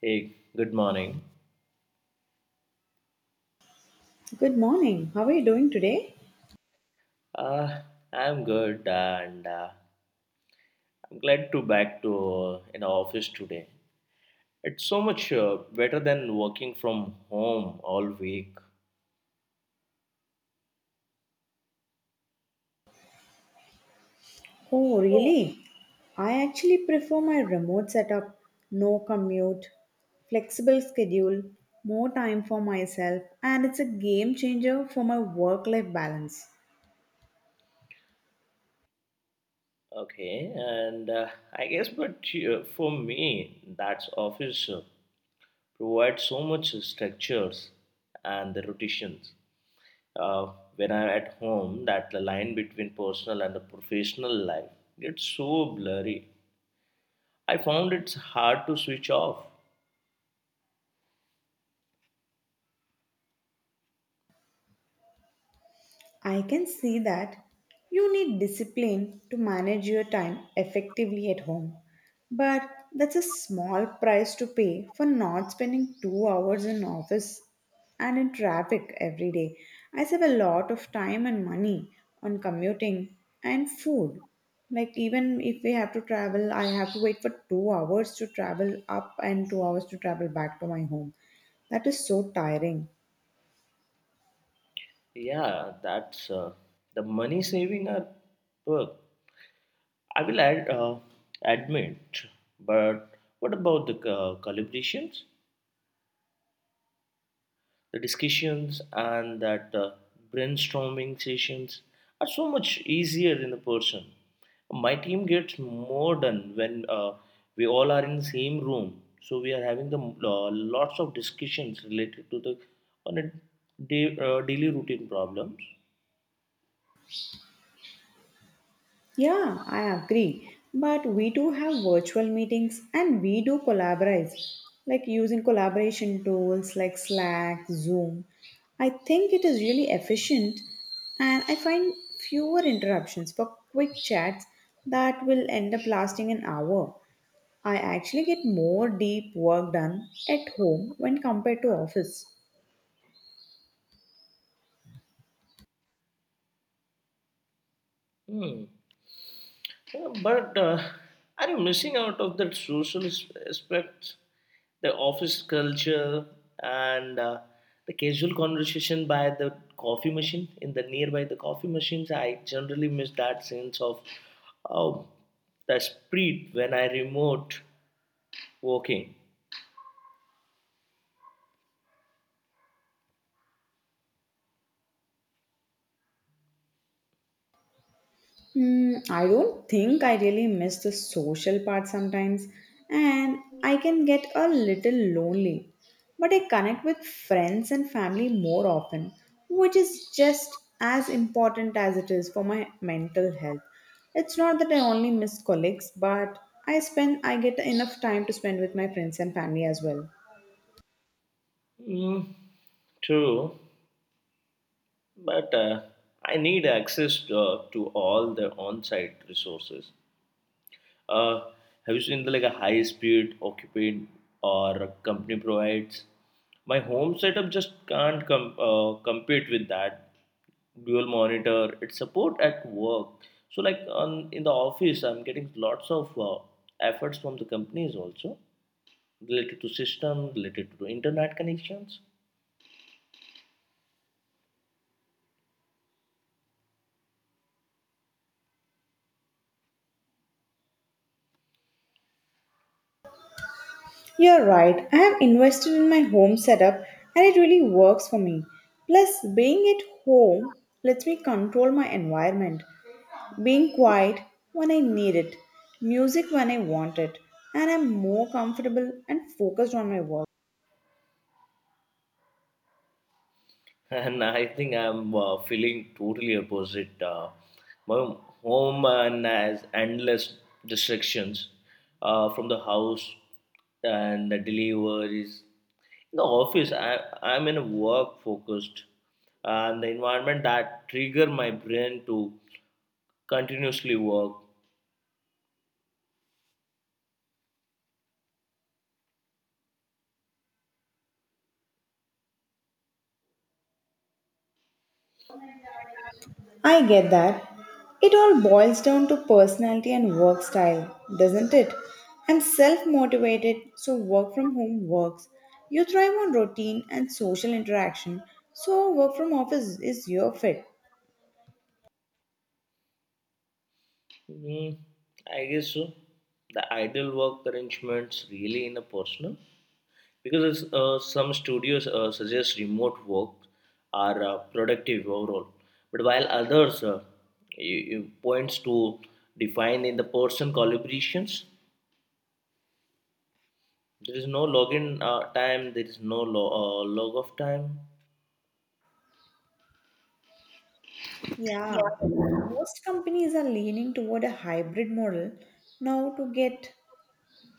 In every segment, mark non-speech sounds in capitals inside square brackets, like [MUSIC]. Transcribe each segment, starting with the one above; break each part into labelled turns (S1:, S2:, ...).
S1: Hey, good morning.
S2: Good morning. How are you doing today?
S1: Uh, I'm good, and I'm glad to back to in our office today. It's so much better than working from home all week.
S2: Oh, really? I actually prefer my remote setup, no commute, flexible schedule, more time for myself, and it's a game changer for my work life balance.
S1: Okay, and I guess, but for me, that's office provides so much structures and the rotations. When I'm at home, that the line between personal and the professional life gets so blurry. I found it's hard to switch off.
S2: I can see that you need discipline to manage your time effectively at home. But that's a small price to pay for not spending 2 hours in office and in traffic every day. I save a lot of time and money on commuting and food. Like even if we have to travel, I have to wait for 2 hours to travel up and 2 hours to travel back to my home. That is so tiring.
S1: Yeah, that's the money saving are work. I will add, admit, but what about the calibrations, the discussions, and that brainstorming sessions are so much easier in a person. My team gets more done when we all are in the same room, so we are having the lots of discussions related to the on a day, daily routine problems.
S2: Yeah, I agree. But we do have virtual meetings and we do collaborate, like using collaboration tools like Slack, Zoom. I think it is really efficient and I find fewer interruptions for quick chats that will end up lasting an hour. I actually get more deep work done at home when compared to office.
S1: Hmm. Yeah, but are you missing out of that aspect, the office culture, and the casual conversation by the coffee machine in the nearby the coffee machines? I generally miss that sense of um, the spirit when I remote working.
S2: Mm, I don't think I really miss the social part sometimes, and I can get a little lonely. But I connect with friends and family more often, which is just as important as it is for my mental health. It's not that I only miss colleagues, but I get enough time to spend with my friends and family as well.
S1: Mm, true, but I need access to all the on-site resources. Uh, have you seen the like a high speed occupied or a company provides? My home setup just can't compete with that dual monitor. It's support at work. So like on in the office, I'm getting lots of efforts from the companies also related to system, related to internet connections.
S2: You're right. I have invested in my home setup and it really works for me. Plus, being at home lets me control my environment. Being quiet when I need it, music when I want it, and I'm more comfortable and focused on my work.
S1: And I think I'm feeling totally opposite. My home and has endless distractions from the house and the deliveries. In the office, I'm in a work focused and the environment that trigger my brain to continuously work.
S2: I get that. It all boils down to personality and work style, doesn't it? I'm self motivated, so work from home works. You thrive on routine and social interaction, so work from office is your fit.
S1: Hmm, I guess so. The ideal work arrangements really in a personal. Because some studios suggest remote work are productive overall, but while others you points to define in the person collaborations. There is no login time. There is no log of time.
S2: Yeah, most companies are leaning toward a hybrid model now to get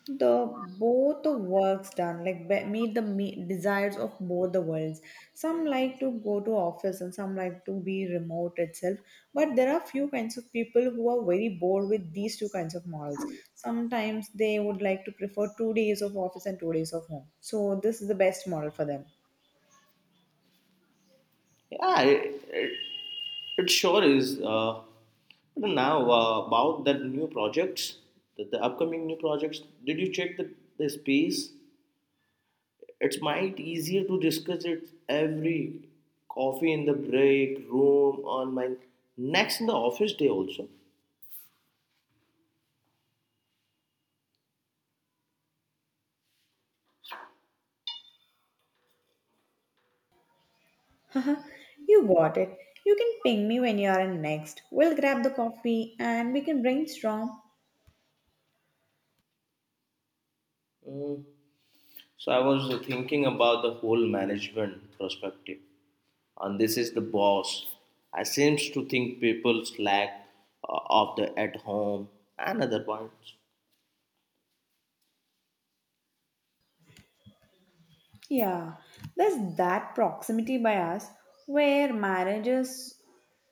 S2: the both the works done like meet the desires of both the worlds, some like to go to office and some like to be remote itself, but there are few kinds of people who are very bored with these two kinds of models. Sometimes they would like to prefer 2 days of office and 2 days of home, so this is the best model for them.
S1: Yeah, it sure is. But now, about that new projects, the upcoming new projects, did you check the space? It's might easier to discuss it every coffee in the break room on my next in the office day also.
S2: Haha, [LAUGHS] you got it. You can ping me when you are in next, we'll grab the coffee and we can brainstorm.
S1: So I was thinking about the whole management perspective, and this is the boss. I seems to think people slack of the at home and other points.
S2: Yeah, there's that proximity bias where managers,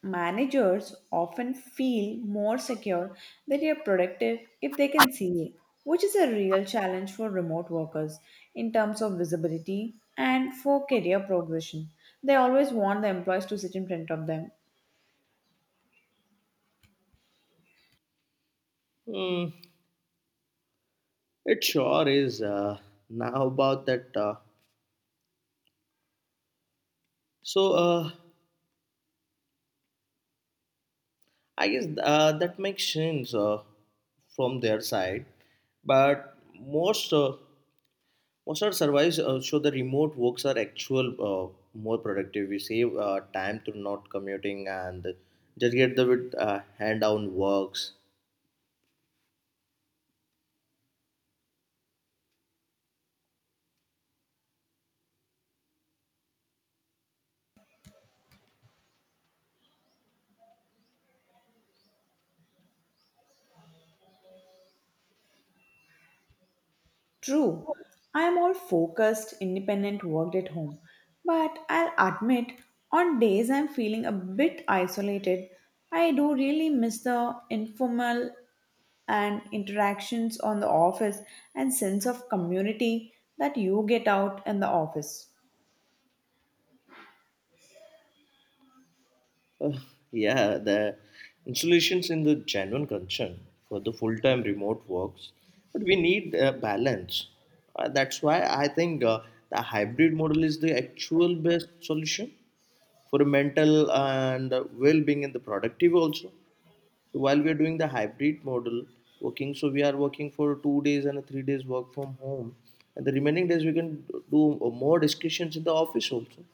S2: managers often feel more secure that you're productive if they can see you, which is a real challenge for remote workers in terms of visibility and for career progression. They always want the employees to sit in front of them.
S1: Hmm, it sure is. Now about that. So uh, I guess that makes sense from their side, but most our surveys show the remote works are actual more productive. We save time through not commuting and just get the with, hand down works.
S2: True, I am all focused, independent, worked at home. But I'll admit, on days I'm feeling a bit isolated, I do really miss the informal and interactions on the office and sense of community that you get out in the office.
S1: Uh, yeah, the installations in the genuine concern for the full time remote works, but we need balance. That's why I think the hybrid model is the actual best solution for mental and well-being and the productive also. So while we are doing the hybrid model working, so we are working for 2 days and 3 days work from home, and the remaining days we can do more discussions in the office also.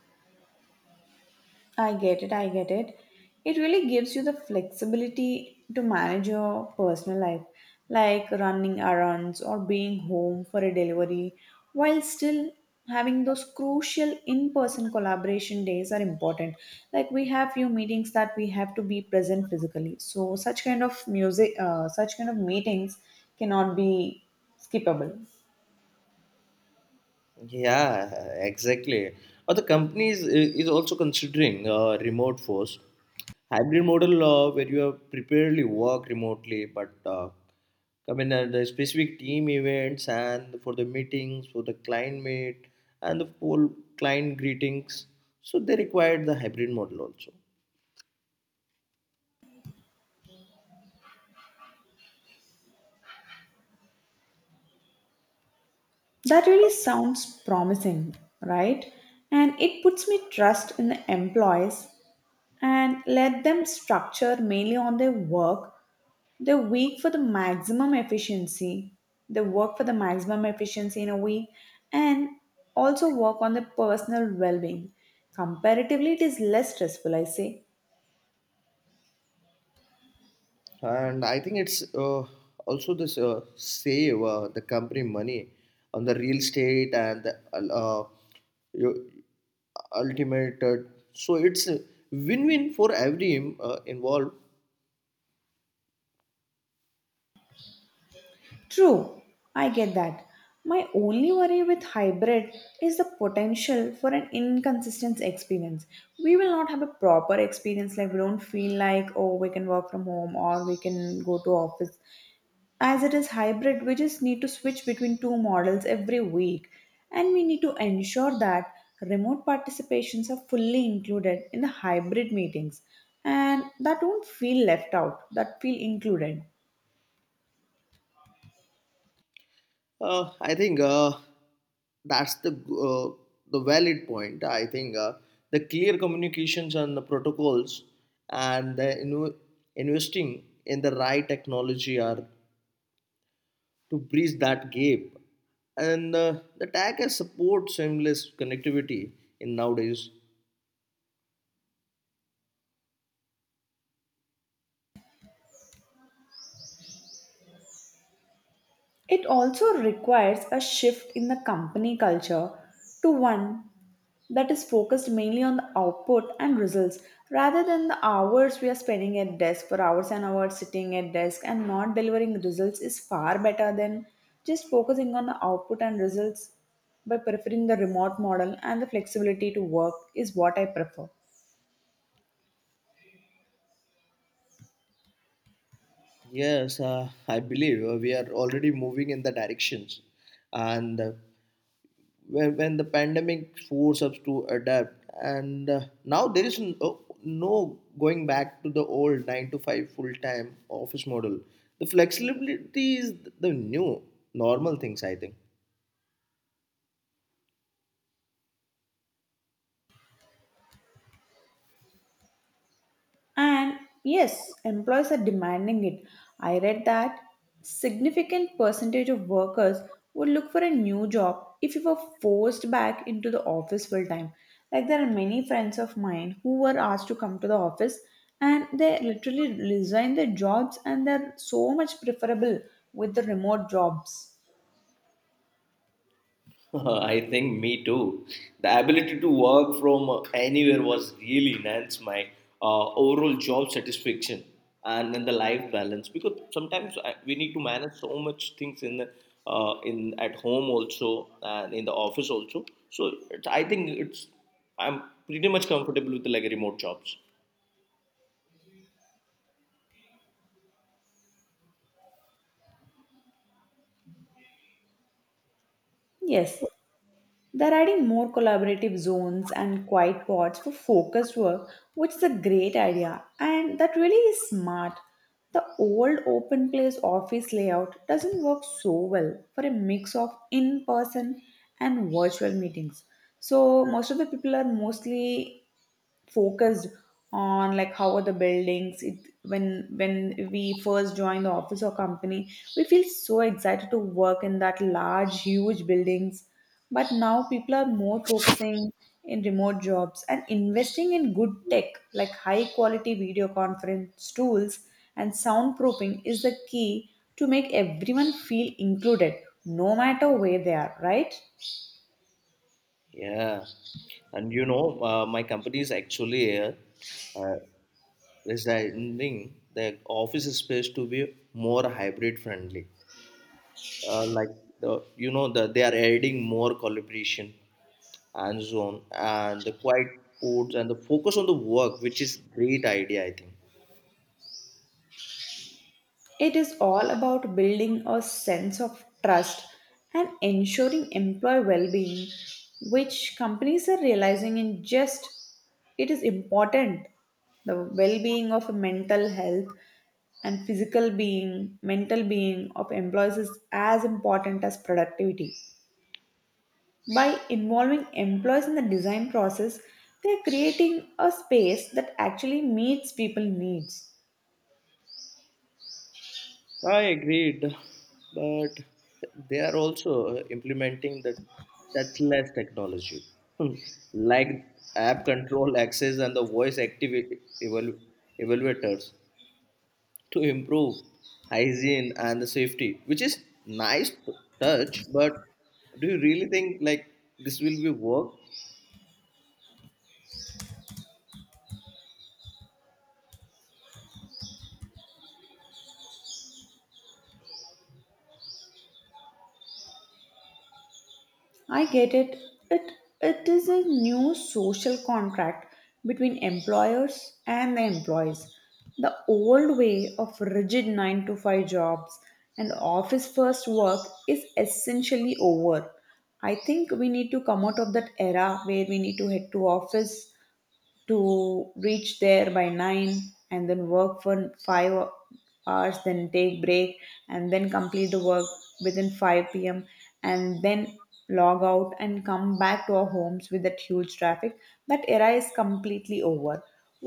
S2: I get it, I get it. It really gives you the flexibility to manage your personal life, like running errands or being home for a delivery, while still having those crucial in-person collaboration days are important. Like we have few meetings that we have to be present physically. So such kind of meetings cannot be skippable.
S1: Yeah, exactly. Or the company is also considering remote force hybrid model where you are preparedly work remotely, but come in at the specific team events and for the meetings, for the client meet and the whole client greetings. So they required the hybrid model also.
S2: That really sounds promising, right? And it puts me trust in the employees and let them structure mainly on their work the week for the maximum efficiency, the work for the maximum efficiency in a week, and also work on the personal well-being. Comparatively it is less stressful, I say.
S1: And I think it's also this save the company money on the real estate and the, uh, you- ultimate. So it's a win-win for every involved.
S2: True, I get that. My only worry with hybrid is the potential for an inconsistent experience. We will not have a proper experience, like we don't feel like, oh, we can work from home or we can go to office. As it is hybrid, we just need to switch between two models every week, and we need to ensure that remote participations are fully included in the hybrid meetings and that don't feel left out, that feel included.
S1: I think that's the valid point. I think the clear communications and the protocols and the investing in the right technology are to bridge that gap. And the tag has support seamless connectivity in nowadays.
S2: It also requires a shift in the company culture to one that is focused mainly on the output and results rather than the hours we are spending at desk. For hours and hours sitting at desk and not delivering results is far better than just focusing on the output and results. By preferring the remote model and the flexibility to work is what I prefer.
S1: Yes, I believe we are already moving in the directions. And when the pandemic forced us to adapt, and now there is no going back to the old 9 to 5 full time office model. The flexibility is the new normal things, I think.
S2: And yes, employers are demanding it. I read that significant percentage of workers would look for a new job if you were forced back into the office full time. Like there are many friends of mine who were asked to come to the office and they literally resign their jobs and they're so much preferable with the remote jobs.
S1: [LAUGHS] I think me too. The ability to work from anywhere was really enhanced my overall job satisfaction and then the life balance, because sometimes we need to manage so much things in the, in at home also and in the office also. So it's, I think it's I'm pretty much comfortable with like remote jobs.
S2: Yes, they're adding more collaborative zones and quiet pods for focused work, which is a great idea, and that really is smart. The old open place office layout doesn't work so well for a mix of in person and virtual meetings. So, most of the people are mostly focused on like how are the buildings it, when we first join the office or company we feel so excited to work in that large huge buildings, but now people are more focusing in remote jobs and investing in good tech like high quality video conference tools, and soundproofing is the key to make everyone feel included no matter where they are, right?
S1: Yeah, and you know my company is actually here resigning the office space to be more hybrid friendly. Like you know the, they are adding more collaboration and zone and the quiet ports and the focus on the work, which is great idea I think.
S2: It is all about building a sense of trust and ensuring employee well-being, which companies are realizing in just it is important. The well-being of mental health and physical being, mental being of employees is as important as productivity. By involving employees in the design process, they are creating a space that actually meets people's needs.
S1: I agreed, but they are also implementing the touchless technology. Hmm. Like app control access and the voice evaluators to improve hygiene and the safety, which is nice to touch. But do you really think like this will be work?
S2: I get it. It it is a new social contract between employers and the employees. The old way of rigid 9 to 5 jobs and office first work is essentially over. I think we need to come out of that era where we need to head to office to reach there by 9 and then work for 5 hours, then take break and then complete the work within 5 p.m. and then log out and come back to our homes with that huge traffic. That era is completely over.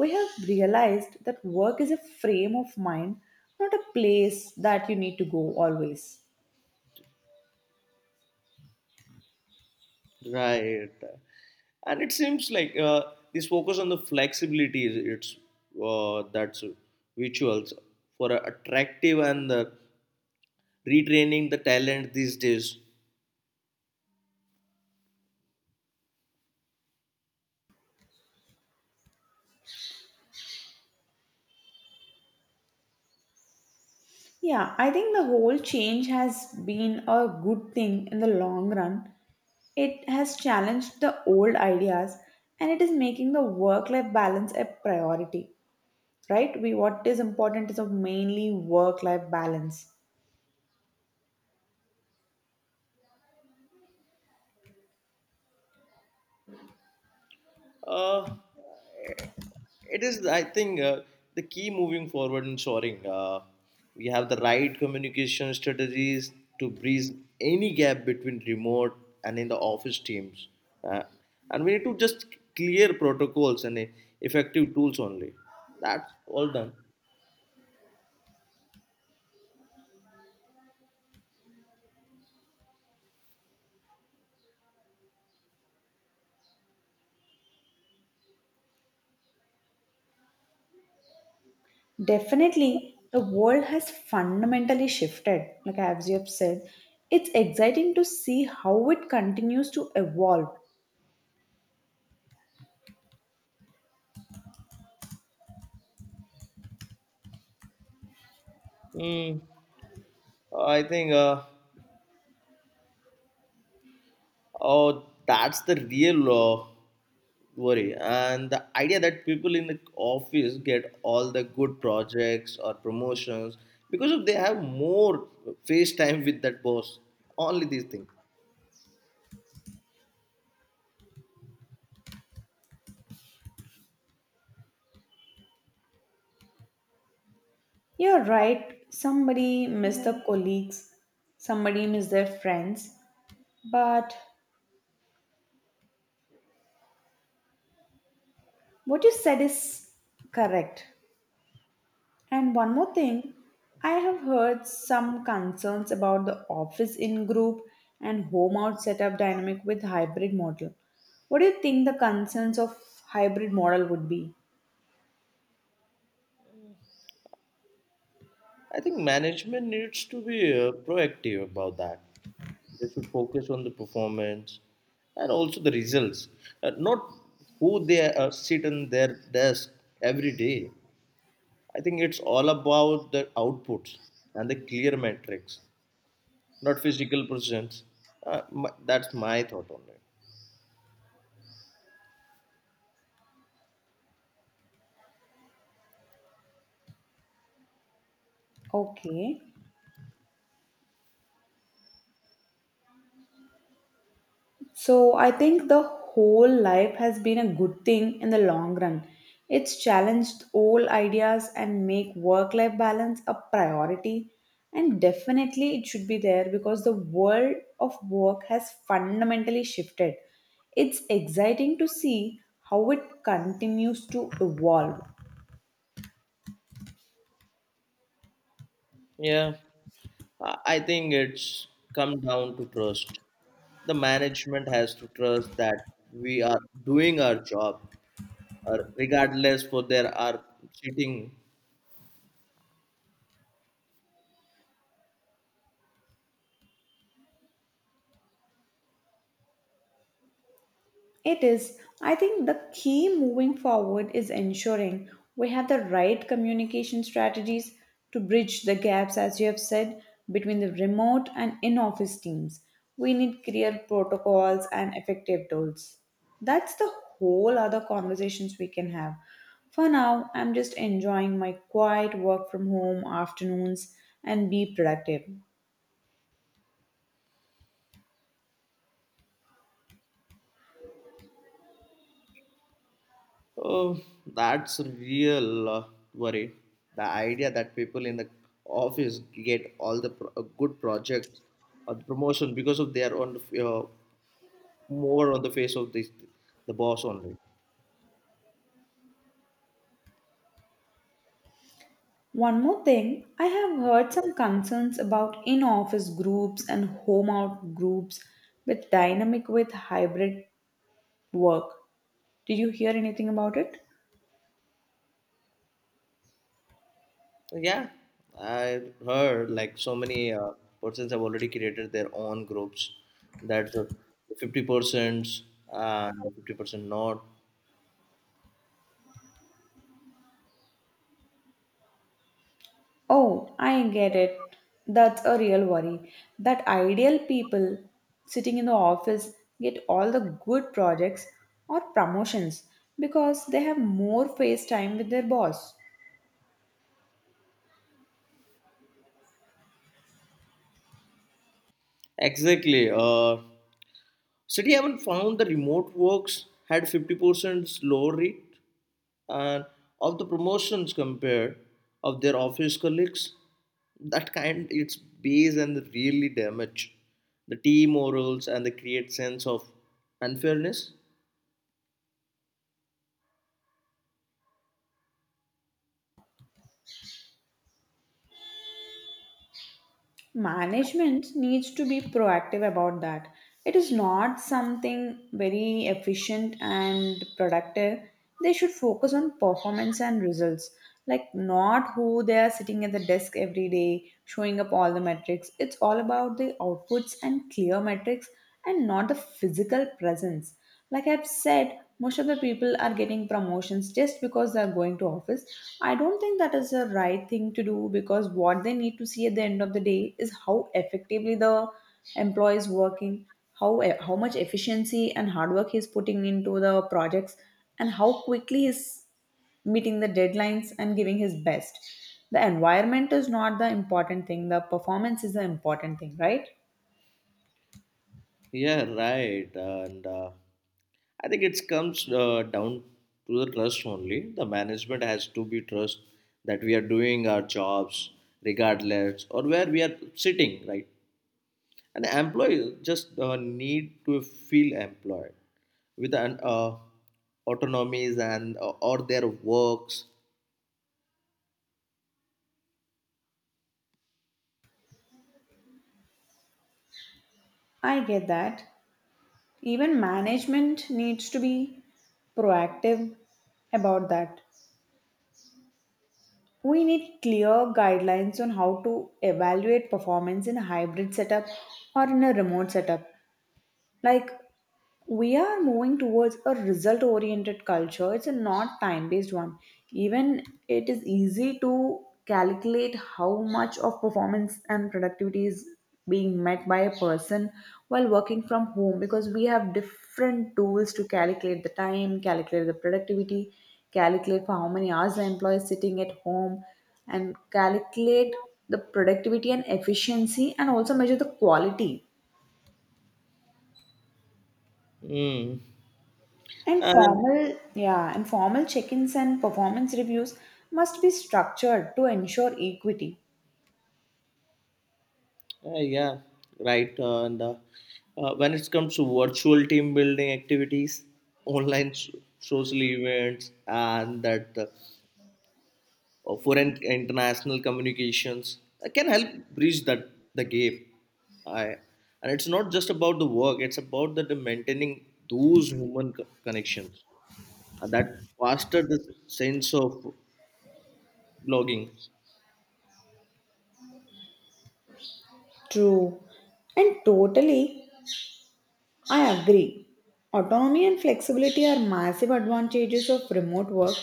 S2: We have realized that work is a frame of mind, not a place that you need to go always.
S1: Right. And it seems like this focus on the flexibility is it's that's rituals for attractive and retraining the talent these days.
S2: Yeah, I think the whole change has been a good thing in the long run. It has challenged the old ideas and it is making the work life balance a priority, right? We what is important is of mainly work life balance.
S1: Uh, it is, I think, the key moving forward in soaring. We have the right communication strategies to bridge any gap between remote and in the office teams. Uh, and we need to just clear protocols and effective tools only. That's all done.
S2: Definitely, the world has fundamentally shifted, like as you have said. It's exciting to see how it continues to evolve.
S1: Hmm. I think. Oh, that's the real worry. And the idea that people in the office get all the good projects or promotions because of they have more face time with that boss, only these things.
S2: You're right, somebody miss the colleagues, somebody miss their friends, but what you said is correct. And one more thing, I have heard some concerns about the office in group and home out setup dynamic with hybrid model. What do you think the concerns of hybrid model would be?
S1: I think management needs to be proactive about that. They should focus on the performance and also the results, not who they sit in their desk every day. I think it's all about the outputs and the clear metrics, not physical presence. That's my thought on it.
S2: Okay. So I think the whole life has been a good thing in the long run. It's challenged old ideas and make work life balance a priority and definitely it should be there because the world of work has fundamentally shifted. It's exciting to see how it continues to evolve.
S1: Yeah, I think it's come down to trust. The management has to trust that we are doing our job, or regardless for there are sitting.
S2: It is. I think the key moving forward is ensuring we have the right communication strategies to bridge the gaps, as you have said, between the remote and in office teams. We need clear protocols and effective tools. That's the whole other conversations we can have. For now, I'm just enjoying my quiet work from home afternoons and be productive.
S1: Oh, that's a real worry. The idea that people in the office get all the good projects or the promotion because of they are on the, more on the face of this the boss only.
S2: One more thing, I have heard some concerns about in office groups and home out groups with dynamic with hybrid work. Did you hear anything about it?
S1: Yeah, I heard like so many persons have already created their own groups. That's the 50% and 50% not
S2: Oh, I get it. That's a real worry. That ideal people sitting in the office get all the good projects or promotions because they have more face time with their boss.
S1: exactly. City haven't found the remote works had 50% lower rate and of the promotions compared of their office colleagues. That kind it's base and really damage the team morals and the create sense of unfairness.
S2: Management needs to be proactive about that. It is not something very efficient and productive. They should focus on performance and results, like not who they are sitting at the desk every day showing up all the metrics. It's all about the outputs and clear metrics and not the physical presence. Like I've said, most of the people are getting promotions just because they are going to office. I don't think that is the right thing to do because what they need to see at the end of the day is how effectively the employee is working, how much efficiency and hard work he's putting into the projects, and how quickly he's meeting the deadlines and giving his best. The environment is not the important thing. The performance is the important thing, right?
S1: Yeah, right, and I think it comes down to the trust only. The management has to be trust that we are doing our jobs, regardless or where we are sitting, right? And employees just need to feel employed with an autonomies and or their works.
S2: I get that. Even management needs to be proactive about that. We need clear guidelines on how to evaluate performance in a hybrid setup or in a remote setup. Like, we are moving towards a result oriented culture, it's a not time based one. Even it is easy to calculate how much of performance and productivity is being met by a person while working from home, because we have different tools to calculate the time, calculate the productivity, calculate for how many hours the employee is sitting at home, and calculate the productivity and efficiency and also measure the quality.
S1: Mm.
S2: And
S1: And
S2: formal, yeah, and formal check-ins and performance reviews must be structured to ensure equity.
S1: uh, yeah, right. And when it comes to virtual team building activities, online social events, and that or foreign international communications can help bridge that the gap. I, and it's not just about the work, it's about the maintaining those human connections and that foster the sense of blogging.
S2: True. And totally, I agree. Autonomy and flexibility are massive advantages of remote work,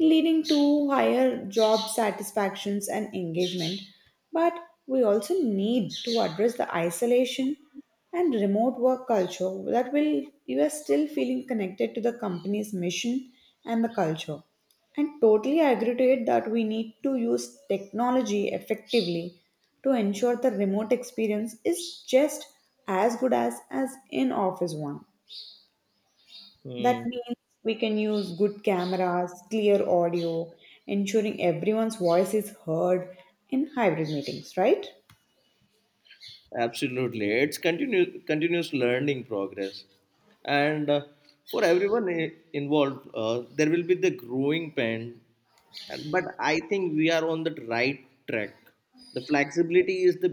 S2: leading to higher job satisfactions and engagement. But we also need to address the isolation and remote work culture that will you are still feeling connected to the company's mission and the culture. And totally agree to it that we need to use technology effectively to ensure the remote experience is just as good as in office one. That
S1: Hmm.
S2: means we can use good cameras, clear audio, ensuring everyone's voice is heard in hybrid meetings, right?
S1: Absolutely, it's continuous learning progress, and for everyone involved, there will be the growing pain. But I think we are on the right track. The flexibility is the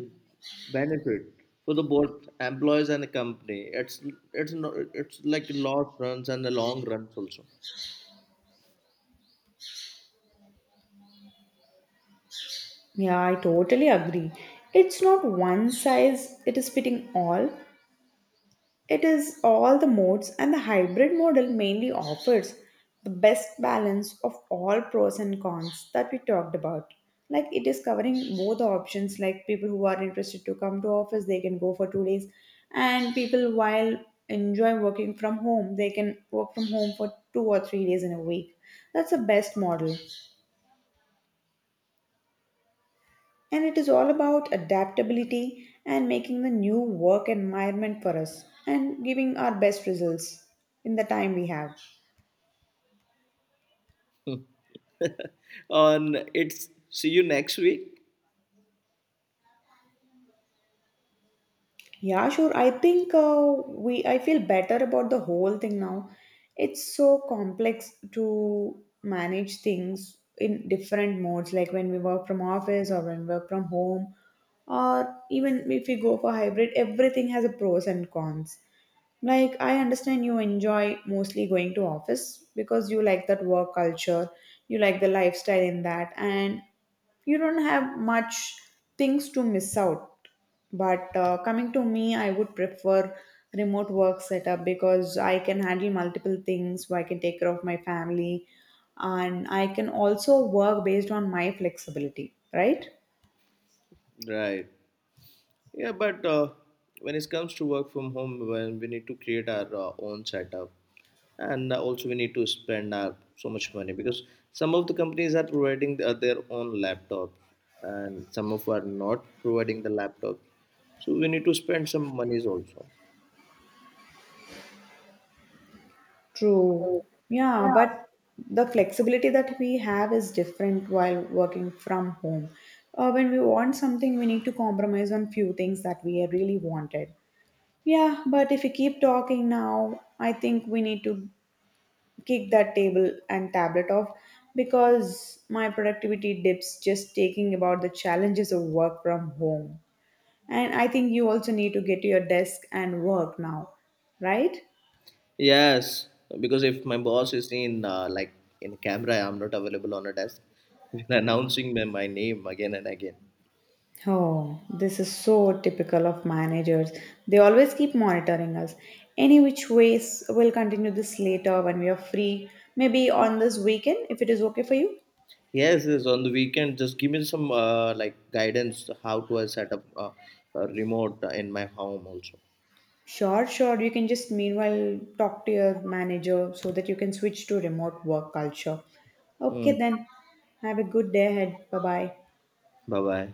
S1: benefit for the both employees and the company. It's not it's like long runs and the long runs also.
S2: Yeah, I totally agree. It's not one size it is fitting all. It is all the modes, and the hybrid model mainly offers the best balance of all pros and cons that we talked about. Like it is covering both the options, like people who are interested to come to office, they can go for 2 days, and people while enjoy working from home, they can work from home for 2 or 3 days in a week. That's the best model. And it is all about adaptability and making the new work environment for us and giving our best results in the time we have.
S1: [LAUGHS] On it's see you next week.
S2: Yeah, sure. I think we I feel better about the whole thing now. It's so complex to manage things in different modes, like when we work from office or when we work from home, or even if we go for hybrid, everything has a pros and cons. Like I understand you enjoy mostly going to office because you like that work culture, you like the lifestyle in that, and you don't have much things to miss out, but coming to me I would prefer remote work setup because I can handle multiple things, so I can take care of my family and I can also work based on my flexibility, right?
S1: Right. Yeah, but when it comes to work from home, when we need to create our own setup, and also we need to spend our, so much money, because some of the companies are providing the, their own laptops, and some of are not providing the laptops. So we need to spend some monies also.
S2: True. Yeah, but the flexibility that we have is different while working from home. When we want something we need to compromise on few things that we really wanted. Yeah, but if we keep talking now, I think we need to kick that table and tablet off because my productivity dips just taking about the challenges of work from home. And I think you also need to get to your desk and work now, right?
S1: Yes, because if my boss is in like in camera, I'm not available on a desk. [LAUGHS] He's announcing my name again and again.
S2: Oh, this is so typical of managers. They always keep monitoring us. Any which ways, we'll continue this later when we are free. Maybe on this weekend, if it is okay for you.
S1: Yes, yes, on the weekend, just give me some like guidance how to I set up a remote in my home also.
S2: Sure, sure. You can just meanwhile talk to your manager so that you can switch to remote work culture. Okay,
S1: Mm.
S2: then. Have a good day ahead. Bye bye.
S1: Bye bye.